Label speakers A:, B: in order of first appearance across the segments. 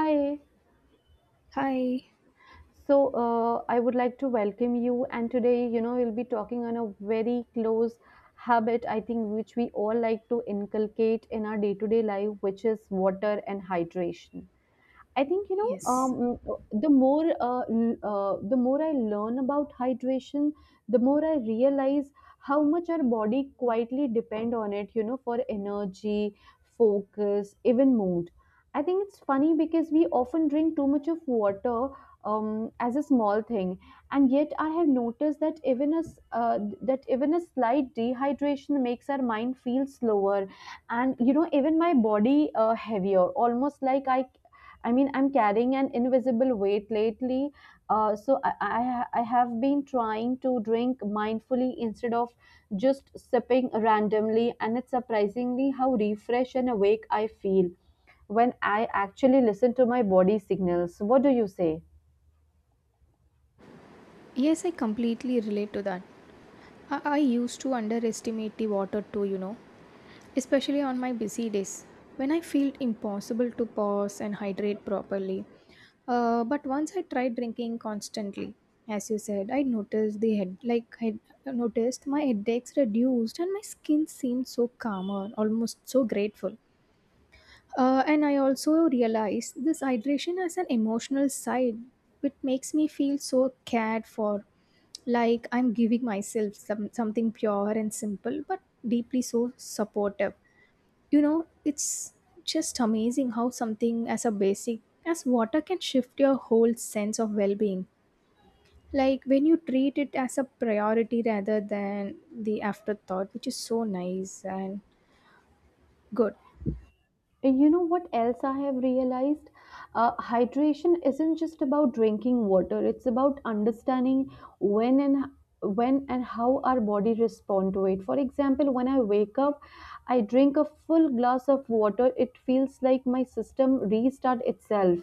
A: Hi.
B: Hi.
A: So, I would like to welcome you. And today, you know, we'll be talking on a very close habit, I think, which we all like to inculcate in our day to day life, which is water and hydration. I think you know
B: Yes.
A: the more the more I learn about hydration, the more I realize how much our body quietly depend on it. You know, for energy, focus, even mood. I think it's funny because we often drink too much of water as a small thing, and yet I have noticed that that even a slight dehydration makes our mind feel slower, and you know even my body heavier, almost like I mean, I'm carrying an invisible weight lately. So I have been trying to drink mindfully instead of just sipping randomly, and it's surprisingly how refreshed and awake I feel when I actually listen to my body signals. What do you say?
B: Yes, I completely relate to that. I used to underestimate the water too, you know, especially on my busy days when I feel impossible to pause and hydrate properly. But once I tried drinking constantly, as you said, I noticed my headaches reduced and my skin seemed so calmer, almost so grateful. And I also realize this hydration has an emotional side, which makes me feel so cared for, like I'm giving myself something pure and simple, but deeply so supportive. You know, it's just amazing how something as a basic as water can shift your whole sense of well-being. Like when you treat it as a priority rather than the afterthought, which is so nice and good.
A: You know what else I have realized? Hydration isn't just about drinking water. It's about understanding when and when and how our body respond to it. For example, when I wake up, I drink a full glass of water. It feels like my system restart itself,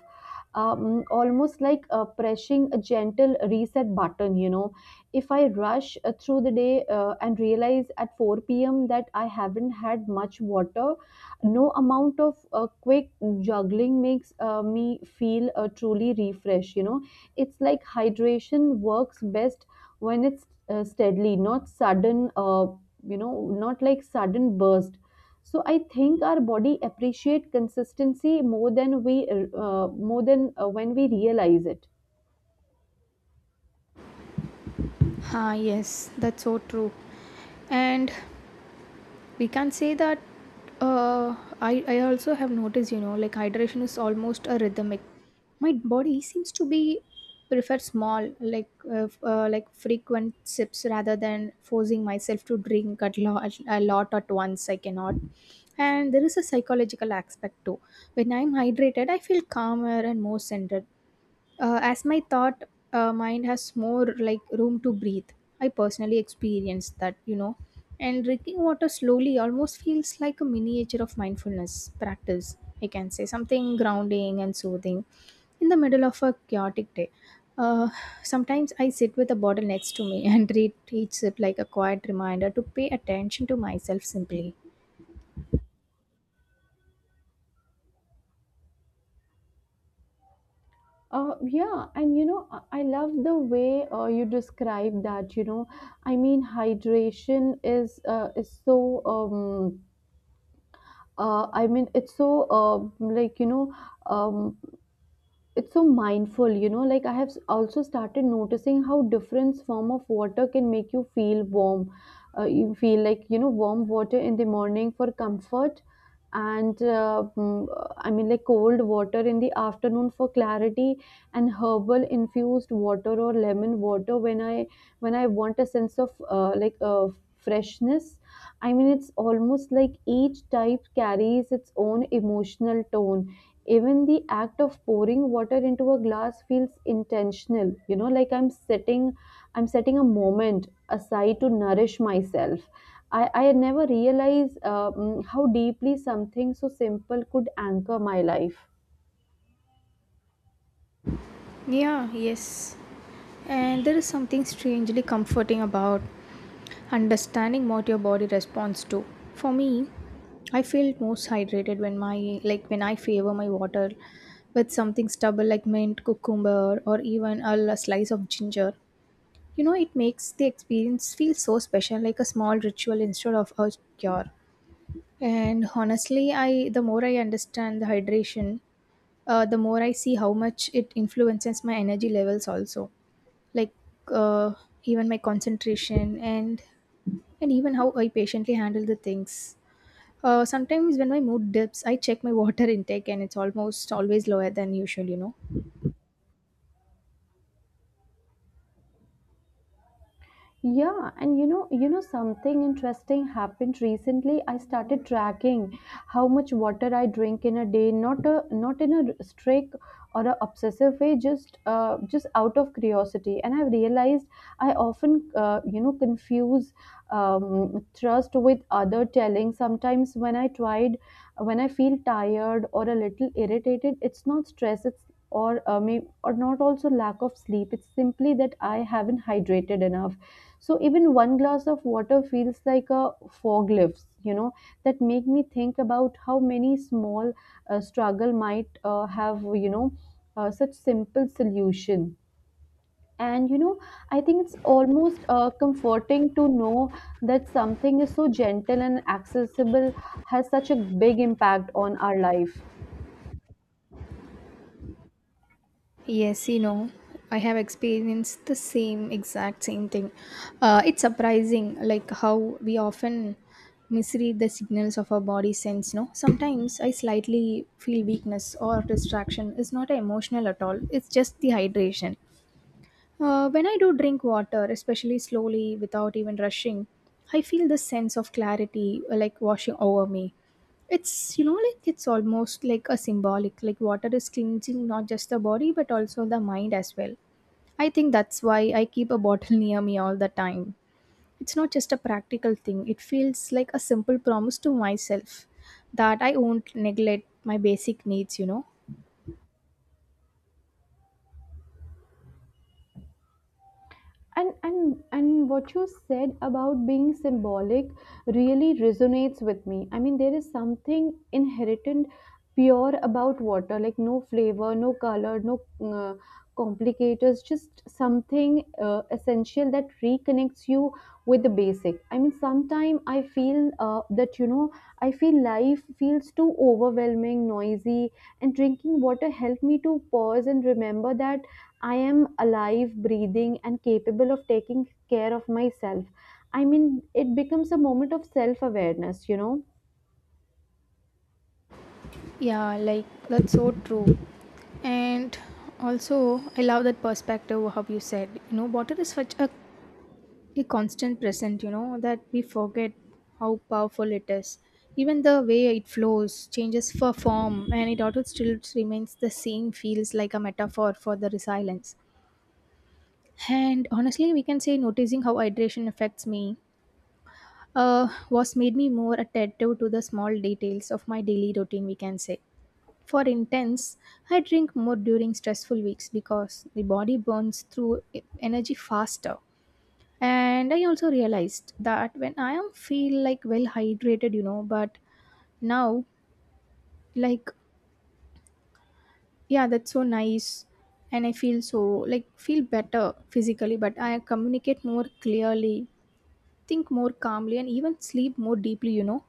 A: almost like pressing a gentle reset button. If I rush through the day and realize at 4 p.m. that I haven't had much water, no amount of quick juggling makes me feel truly refreshed, you know. It's like hydration works best when it's steadily not sudden, you know, not like sudden burst. So I think our body appreciate consistency more than we more than when we realize it.
B: Ah, yes, that's so true. And we can say that, I also have noticed, you know, like hydration is almost a rhythmic. My body seems to be prefer small, like frequent sips rather than forcing myself to drink at large, a lot at once. I cannot. And there is a psychological aspect too. When I'm hydrated, I feel calmer and more centered, as my thought mind has more like room to breathe. I personally experienced that, you know. And drinking water slowly almost feels like a miniature of mindfulness practice, I can say. Something grounding and soothing in the middle of a chaotic day. uh, Sometimes I sit with a bottle next to me and read each sip like a quiet reminder to pay attention to myself simply.
A: Yeah, and you know, I love the way you describe that. You know, I mean, hydration is so I mean, it's so like you know, um, it's so mindful, you know. Like I have also started noticing how different form of water can make you feel warm. You feel like, you know, warm water in the morning for comfort, and I mean like cold water in the afternoon for clarity, and herbal infused water or lemon water when I want a sense of uh, like uh, freshness. I mean, it's almost like each type carries its own emotional tone. Even the act of pouring water into a glass feels intentional, you know. Like I'm setting a moment aside to nourish myself. I never realized how deeply something so simple could anchor my life.
B: Yeah, yes. And there is something strangely comforting about understanding what your body responds to. For me, I feel most hydrated when my like when I favor my water with something stubble like mint, cucumber, or even a, slice of ginger. You know, it makes the experience feel so special, like a small ritual instead of a cure. And honestly, I the more I understand the hydration, the more I see how much it influences my energy levels also, like, uh, even my concentration and even how I patiently handle the things. Sometimes when my mood dips, I check my water intake, and it's almost always lower than usual, you know.
A: Yeah, and you know something interesting happened recently. I started tracking how much water I drink in a day, not in a strict or a obsessive way, just out of curiosity. And I realized I often, you know, confuse trust with other telling. Sometimes when I feel tired or a little irritated, it's not stress. It's or not also lack of sleep. It's simply that I haven't hydrated enough, so even one glass of water feels like a fog lifts, you know. That make me think about how many small struggle might have, you know, such simple solution. And you know, I think it's almost comforting to know that something is so gentle and accessible has such a big impact on our life.
B: Yes, you know, I have experienced the same exact same thing. It's surprising, like how we often misread the signals of our body sense. No, sometimes I slightly feel weakness or distraction is not emotional at all. It's just the hydration. When I do drink water, especially slowly without even rushing, I feel this sense of clarity, like washing over me. It's, you know, like it's almost like a symbolic, like water is cleansing not just the body but also the mind as well. I think that's why I keep a bottle near me all the time. It's not just a practical thing, it feels like a simple promise to myself that I won't neglect my basic needs, you know.
A: And what you said about being symbolic really resonates with me. I mean, there is something inherent pure about water. Like no flavor, no color, no complicators, just something essential that reconnects you with the basic. I mean, sometimes I feel that you know I feel life feels too overwhelming noisy, and drinking water helped me to pause and remember that I am alive, breathing, and capable of taking care of myself. I mean, it becomes a moment of self awareness, you know.
B: Yeah, like that's so true. And also, I love that perspective of how you said, you know, water is such a constant present, you know, that we forget how powerful it is. Even the way it flows changes for form and it also still remains the same, feels like a metaphor for the resilience. And honestly, we can say noticing how hydration affects me was made me more attentive to the small details of my daily routine, we can say. For intense, I drink more during stressful weeks because the body burns through energy faster. And I also realized that when I am feel like well hydrated, you know, but now like yeah, that's so nice, and I feel so like feel better physically, but I communicate more clearly, think more calmly, and even sleep more deeply, you know.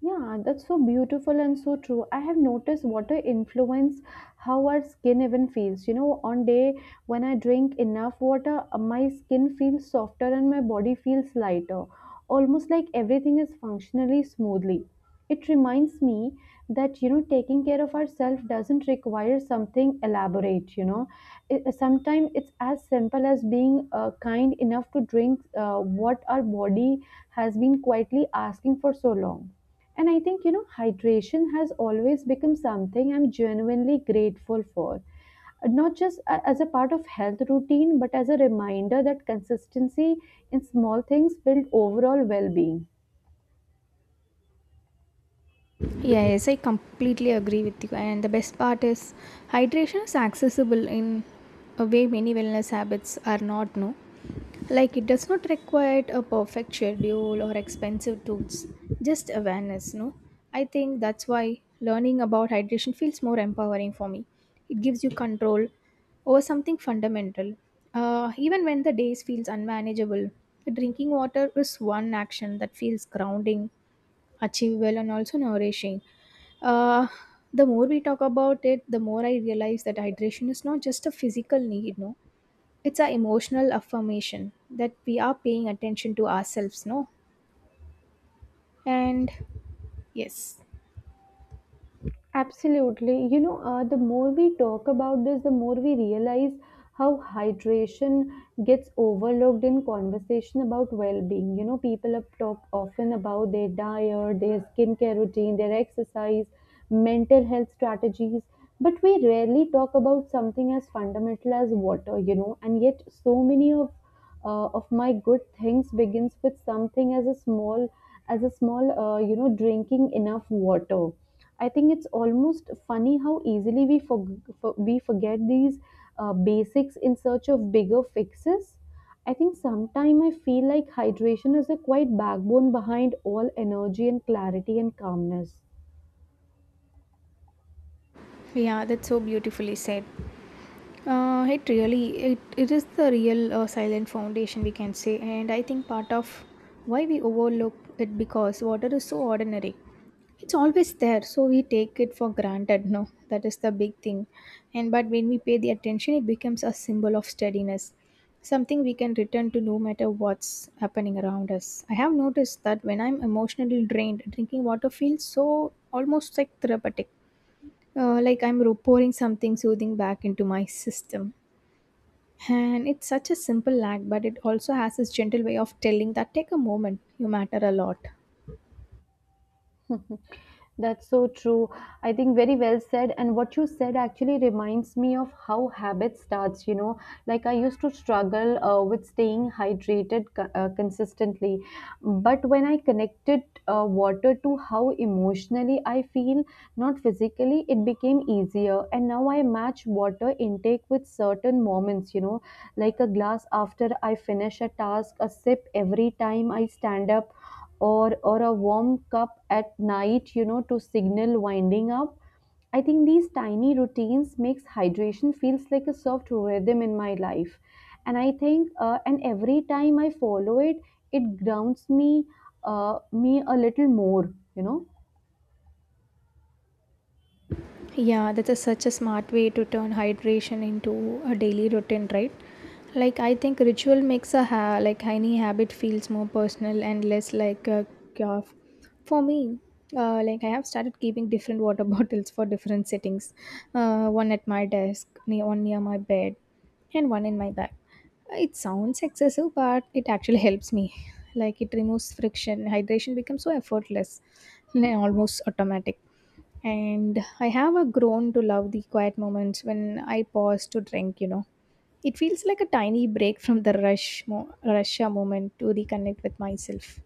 A: Yeah, that's so beautiful and so true. I have noticed water influence how our skin even feels. You know, on day when I drink enough water, my skin feels softer and my body feels lighter, almost like everything is functionally smoothly. It reminds me that you know taking care of ourselves doesn't require something elaborate. You know, sometimes it's as simple as being kind enough to drink what our body has been quietly asking for so long. And I think, you know, hydration has always become something I'm genuinely grateful for, not just as a part of health routine, but as a reminder that consistency in small things build overall well being.
B: Yeah, yes, I completely agree with you. And the best part is, hydration is accessible in a way many wellness habits are not. No, like it does not require a perfect schedule or expensive tools, just awareness. No, I think that's why learning about hydration feels more empowering for me. It gives you control over something fundamental. Even when the days feels unmanageable, drinking water is one action that feels grounding, achievable, and also nourishing. uh, the more we talk about it, the more I realize that hydration is not just a physical need, no. It's an emotional affirmation that we are paying attention to ourselves, no. And yes,
A: Absolutely. You know, the more we talk about this, the more we realize how hydration gets overlooked in conversation about well-being. You know, people up talk often about their diet, their skincare routine, their exercise, mental health strategies, but we rarely talk about something as fundamental as water, you know, and yet so many of my good things begins with something as a small as a small you know drinking enough water. I think it's almost funny how easily we forget these basics in search of bigger fixes. I think sometime I feel like hydration is a quite backbone behind all energy and clarity and calmness.
B: yeah, that's so beautifully said. It is the real silent foundation, we can say, and I think part of why we overlook it because water is so ordinary. It's always there, so we take it for granted, no. That is the big thing. And but when we pay the attention it becomes a symbol of steadiness, something we can return to no matter what's happening around us. I have noticed that when I'm emotionally drained, drinking water feels so almost like therapeutic, like I'm pouring something soothing back into my system. And it's such a simple act, but it also has this gentle way of telling that take a moment, you matter a lot.
A: That's so true. I think very well said. And what you said actually reminds me of how habit starts, you know. Like I used to struggle with staying hydrated consistently. But when I connected water to how emotionally I feel, not physically, it became easier. And now I match water intake with certain moments, you know, like a glass after I finish a task, a sip every time I stand up or a warm cup at night, you know, to signal winding up. I think these tiny routines makes hydration feels like a soft rhythm in my life. And I think and every time I follow it, it grounds me, a little more, you know.
B: Yeah, that's a, such a smart way to turn hydration into a daily routine, right? Like I think ritual makes a ha- like any habit feels more personal and less like a cure. For me, like I have started keeping different water bottles for different settings. One at my desk, one near my bed, and one in my bag. It sounds excessive, but it actually helps me. Like it removes friction. Hydration becomes so effortless and almost automatic. And I have a grown to love the quiet moments when I pause to drink, you know. It feels like a tiny break from the Russia moment to reconnect with myself.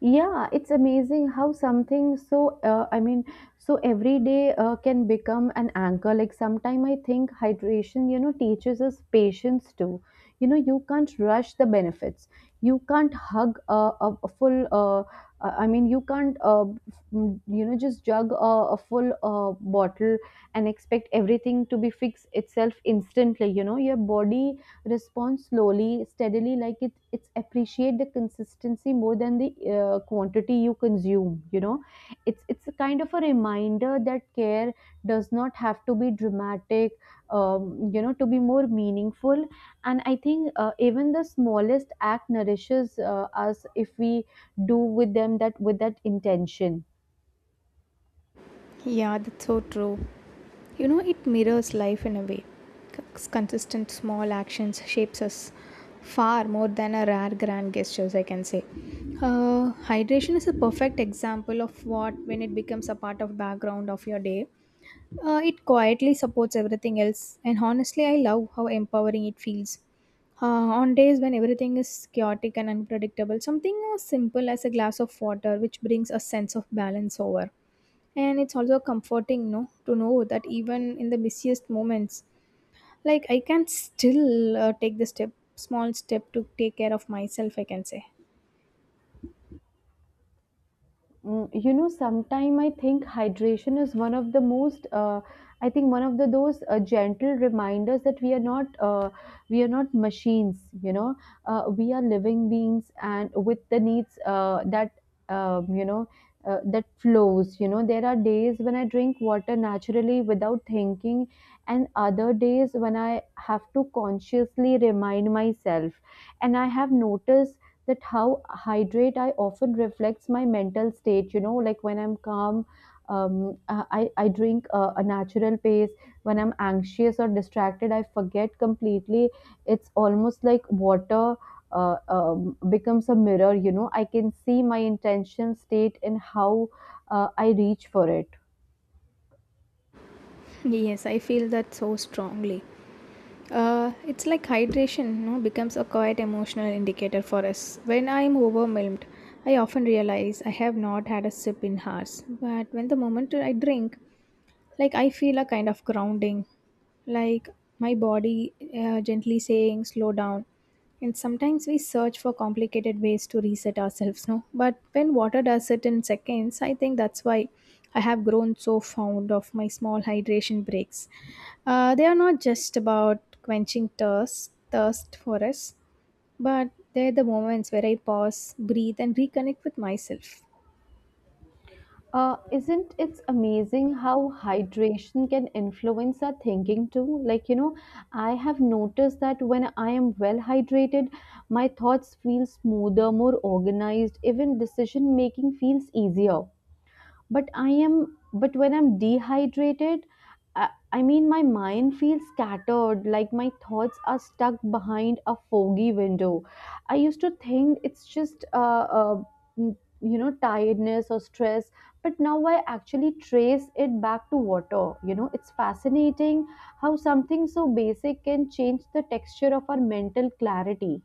A: Yeah, it's amazing how something so every day can become an anchor. Like sometime I think hydration, you know, teaches us patience too. You know, you can't rush the benefits. You can't hug a full. I mean, you can't mm, you know just jug a full bottle and expect everything to be fixed itself instantly. You know, your body respond slowly, steadily. Like it's appreciate the consistency more than the quantity you consume. You know, it's a kind of a reminder that care does not have to be dramatic. You know, to be more meaningful. And I think even the smallest act nourishes us if we do with them that with that intention.
B: Yeah, that's so true. You know, it mirrors life in a way. Consistent small actions shapes us far more than a rare grand gestures, I can say. Hydration is a perfect example of what when it becomes a part of background of your day. It quietly supports everything else, and honestly, I love how empowering it feels. Uh, on days when everything is chaotic and unpredictable, something as simple as a glass of water, which brings a sense of balance over. And it's also comforting, no, to know that even in the busiest moments, like I can still take the step small step to take care of myself, I can say.
A: Mm, you know, sometime I think hydration is one of the most, I think one of the those gentle reminders that we are not machines. You know, we are living beings, and with the needs you know, that flows. You know, there are days when I drink water naturally without thinking, and other days when I have to consciously remind myself. And I have noticed that how hydrate I often reflects my mental state. You know, like when I'm calm, I drink a natural pace. When I'm anxious or distracted, I forget completely. It's almost like water becomes a mirror. You know, I can see my intention state and how I reach for it.
B: Yes, I feel that so strongly. It's like hydration, no, becomes a quite emotional indicator for us. When I'm overwhelmed, I often realize I have not had a sip in hours, but when the moment I drink, like I feel a kind of grounding, like my body gently saying slow down. And sometimes we search for complicated ways to reset ourselves, no, but when water does it in seconds. I think that's why I have grown so fond of my small hydration breaks. They are not just about quenching thirst for us, but they're the moments where I pause, breathe, and reconnect with myself.
A: Isn't it amazing how hydration can influence our thinking too? Like, you know, I have noticed that when I am well hydrated, my thoughts feel smoother, more organized, even decision making feels easier. but i am but when I'm dehydrated, I mean my mind feels scattered, like my thoughts are stuck behind a foggy window. I used to think it's just mm, you know, tiredness or stress, but now I actually trace it back to water, you know. It's fascinating how something so basic can change the texture of our mental clarity.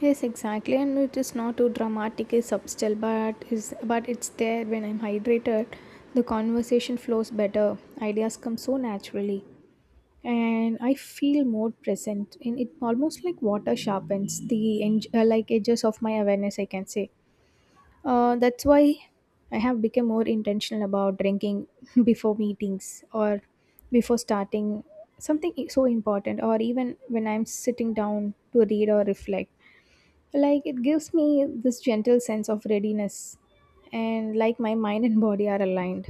B: Yes, exactly, and it is not too dramatic, it's subtle, but it's there. When I'm hydrated, the conversation flows better. Ideas come so naturally, and I feel more present. And it almost like water sharpens the edges of my awareness, I can say. That's why I have become more intentional about drinking before meetings or before starting something so important, or even when I'm sitting down to read or reflect. Like it gives me this gentle sense of readiness, and like my mind and body are aligned.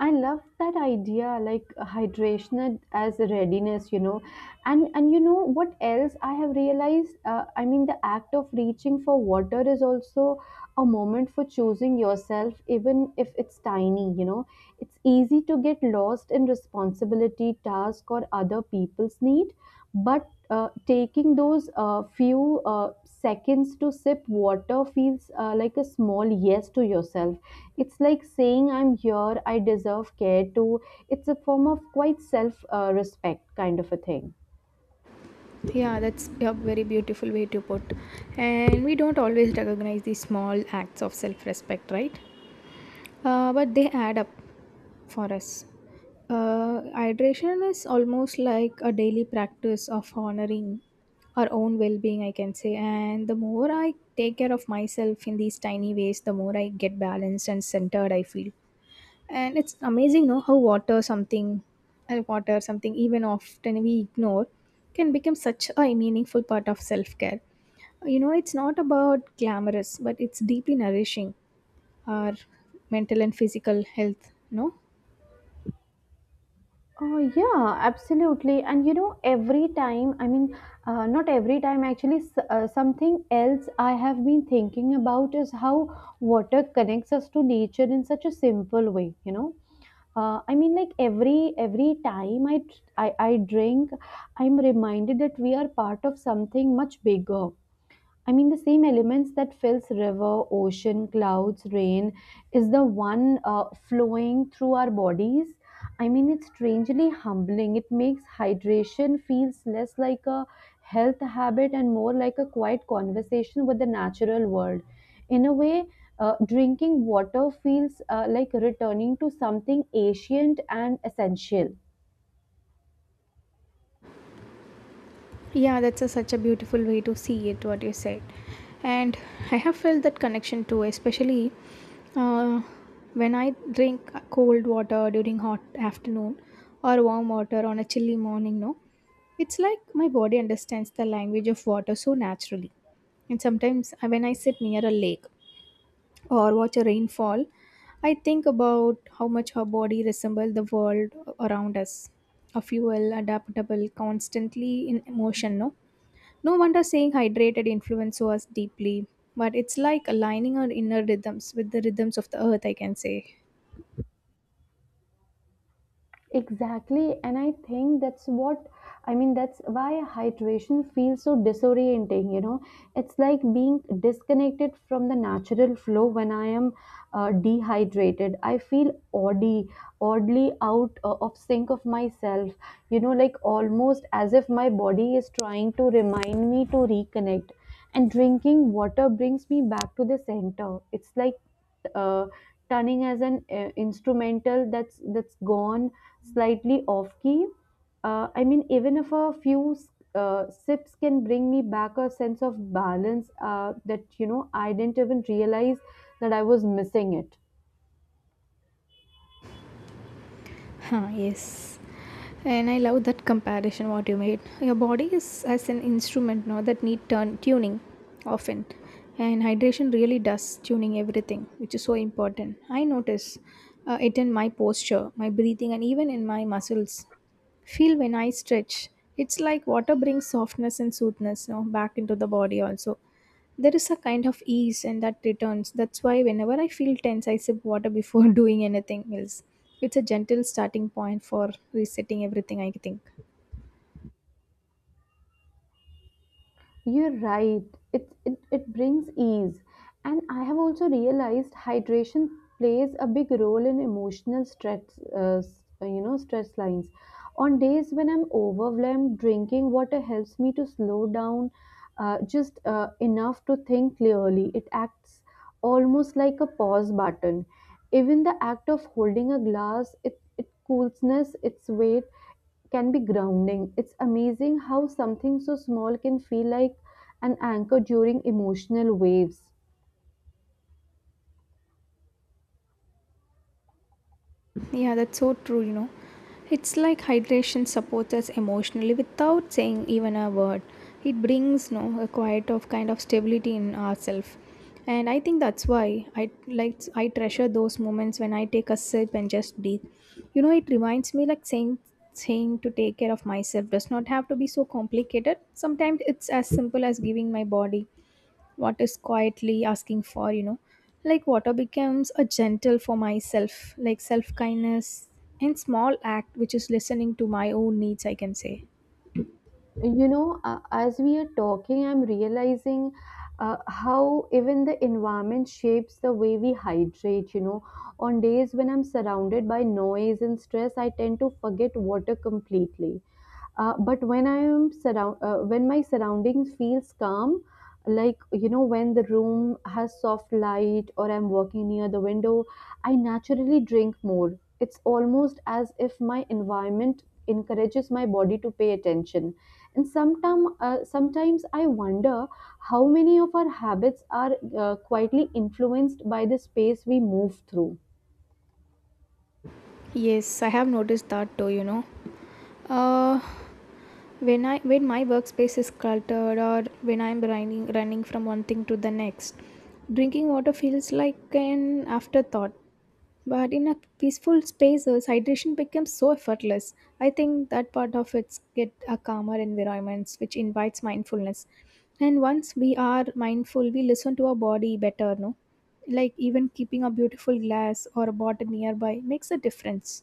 A: I love that idea, like hydration as readiness, you know. And you know what else I have realized? I mean, the act of reaching for water is also a moment for choosing yourself, even if it's tiny. You know, it's easy to get lost in responsibility, task, or other people's need. But taking those few seconds to sip water feels like a small yes to yourself. It's like saying, I'm here, I deserve care too. It's a form of quite self respect, kind of a thing.
B: Yeah, that's a very beautiful way to put. And we don't always recognize these small acts of self-respect, right? But they add up for us. Hydration is almost like a daily practice of honoring our own well-being, I can say. And the more I take care of myself in these tiny ways, the more I get balanced and centered I feel. And it's amazing, no, how water something even often we ignore can become such a meaningful part of self-care. You know, it's not about glamorous, but it's deeply nourishing our mental and physical health, no.
A: Oh, yeah, absolutely. And you know, every time, I mean, not every time, actually, something else I have been thinking about is how water connects us to nature in such a simple way, you know. Like every time I drink, I'm reminded that we are part of something much bigger. I mean, the same elements that fills river, ocean, clouds, rain is the one flowing through our bodies. I mean, it's strangely humbling. It makes hydration feels less like a health habit and more like a quiet conversation with the natural world. In a way, drinking water feels like returning to something ancient and essential.
B: Yeah, that's a, such a beautiful way to see it, what you said. And I have felt that connection too, especially uh, when I drink cold water during hot afternoon or warm water on a chilly morning, no. It's like my body understands the language of water so naturally. And sometimes when I sit near a lake or watch a rainfall, I think about how much our body resembles the world around us. A fuel, adaptable, constantly in motion, no? No wonder saying hydrated influence us deeply. But it's like aligning our inner rhythms with the rhythms of the earth, I can say.
A: Exactly, and I think that's what I mean. That's why hydration feels so disorienting. You know, it's like being disconnected from the natural flow when I am dehydrated. I feel oddly oddly out of sync of myself, you know, like almost as if my body is trying to remind me to reconnect, and drinking water brings me back to the center. It's like uh, turning as an instrumental that's gone slightly off key. I mean, even if a few sips can bring me back a sense of balance that, you know, I didn't even realize that I was missing it.
B: Huh, yes. And I love that comparison, what you made. Your body is as an instrument now that need turn tuning often. And hydration really does tuning everything, which is so important. I notice it in my posture, my breathing, and even in my muscles feel when I stretch. It's like water brings softness and soothness, you know, back into the body also. There is a kind of ease, and that returns. That's why whenever I feel tense, I sip water before doing anything else. It's a gentle starting point for resetting everything, I think.
A: You're right. It brings ease. And I have also realized hydration plays a big role in emotional stress, you know, stress lines. On days when I'm overwhelmed, drinking water helps me to slow down just enough to think clearly. It's almost like a pause button. Even the act of holding a glass, it coolness, its weight can be grounding. It's amazing how something so small can feel like an anchor during emotional waves.
B: Yeah, that's so true, you know. It's like hydration supports us emotionally without saying even a word. It brings, no, a quiet of kind of stability in ourselves. And I think that's why I like I treasure those moments when I take a sip and just breathe. You know, it reminds me like saying to take care of myself does not have to be so complicated. Sometimes it's as simple as giving my body what is quietly asking for, you know. Like water becomes a gentle for myself, like self kindness, and small act, which is listening to my own needs, I can say.
A: You know, as we are talking, I'm realizing how even the environment shapes the way we hydrate. You know, on days when I'm surrounded by noise and stress, I tend to forget water completely. But when my surroundings feels calm, like you know, when the room has soft light, or I'm walking near the window, I naturally drink more. It's almost as if my environment encourages my body to pay attention. And sometimes I wonder how many of our habits are quietly influenced by the space we move through.
B: Yes, I have noticed that too, you know. Uh, when my workspace is cluttered or when I'm running from one thing to the next, drinking water feels like an afterthought. But in a peaceful spaces, hydration becomes so effortless. I think that part of it's get a calmer environment, which invites mindfulness. And once we are mindful, we listen to our body better, no? Like even keeping a beautiful glass or a bottle nearby makes a difference.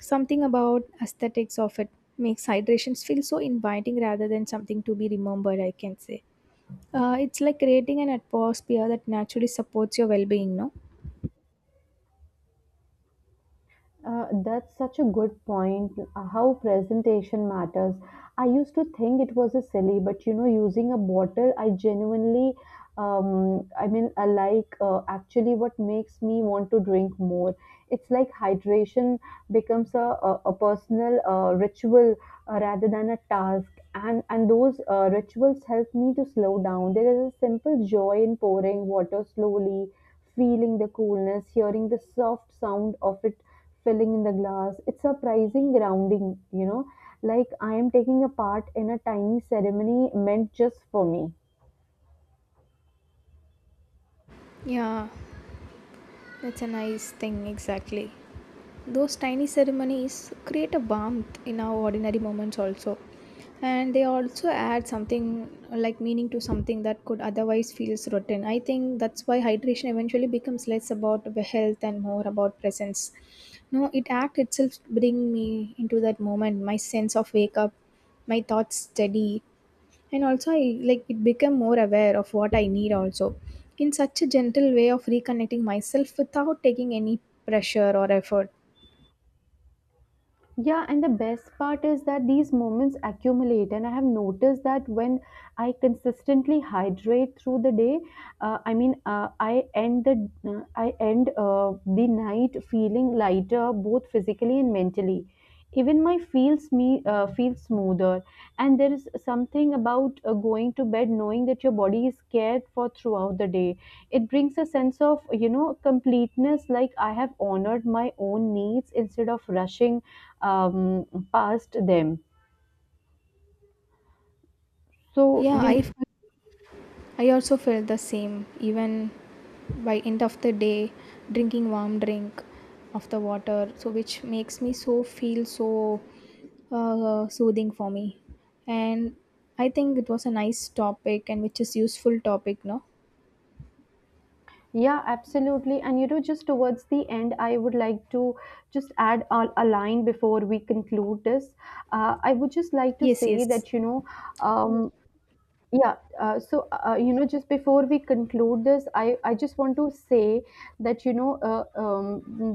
B: Something about aesthetics of it makes hydrations feel so inviting rather than something to be remembered, I can say. It's like creating an atmosphere that naturally supports your well-being, no?
A: That's such a good point. How presentation matters. I used to think it was a silly, but you know, using a bottle, I genuinely, I like actually what makes me want to drink more. It's like hydration becomes a personal ritual rather than a task. And those rituals help me to slow down. There is a simple joy in pouring water slowly, feeling the coolness, hearing the soft sound of it filling in the glass. It's surprising grounding, you know, like I am taking a part in a tiny ceremony meant just for me.
B: Yeah. That's a nice thing, exactly. Those tiny ceremonies create a warmth in our ordinary moments, also. And they also add something like meaning to something that could otherwise feels routine. I think that's why hydration eventually becomes less about the health and more about presence. No, it act itself bring me into that moment. My sense of wake up, my thoughts steady, and also I like it became more aware of what I need also. In such a gentle way of reconnecting myself without taking any pressure or effort.
A: Yeah, and the best part is that these moments accumulate, and I have noticed that when I consistently hydrate through the day, I end the night feeling lighter, both physically and mentally. Even my feels me feels smoother, and there is something about going to bed knowing that your body is cared for throughout the day. It brings a sense of, you know, completeness, like I have honored my own needs instead of rushing um, past them. So
B: Yeah,
A: you
B: I felt- I also felt the same, even by end of the day drinking warm drink of the water, so which makes me so feel so soothing for me. And I think it was a nice topic, and which is useful topic, no.
A: Yeah, absolutely. And you know, just towards the end, I would like to just add a line before we conclude this. I would just like to
B: Yes,
A: say
B: yes.
A: that, you know, um, you know, just before we conclude this, I just want to say that you know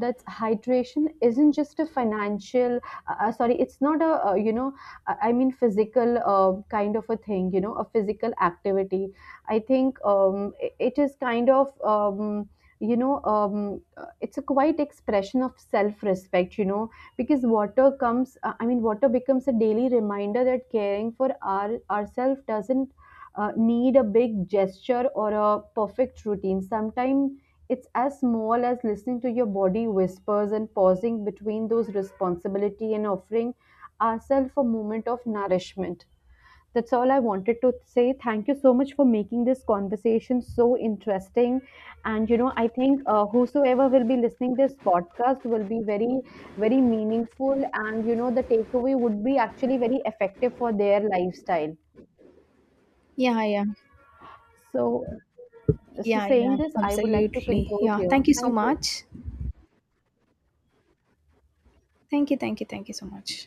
A: that hydration isn't just a financial, sorry, it's not a you know, I mean physical kind of a thing, you know, a physical activity. I think it is kind of it's a quite expression of self-respect, you know, because water comes I mean water becomes a daily reminder that caring for ourselves doesn't need a big gesture or a perfect routine. Sometimes it's as small as listening to your body whispers and pausing between those responsibility and offering ourselves a moment of nourishment. That's all I wanted to say. Thank you so much for making this conversation so interesting. And you know, I think whosoever will be listening this podcast will be very, very meaningful. And you know, the takeaway would be actually very effective for their lifestyle.
B: Yeah, yeah.
A: So So,
B: Yeah, yeah,
A: saying this, I would like to
B: absolutely.
A: conclude
B: Yeah,
A: here.
B: thank you so
A: Thank you.
B: much. Thank you, thank you, thank you so much.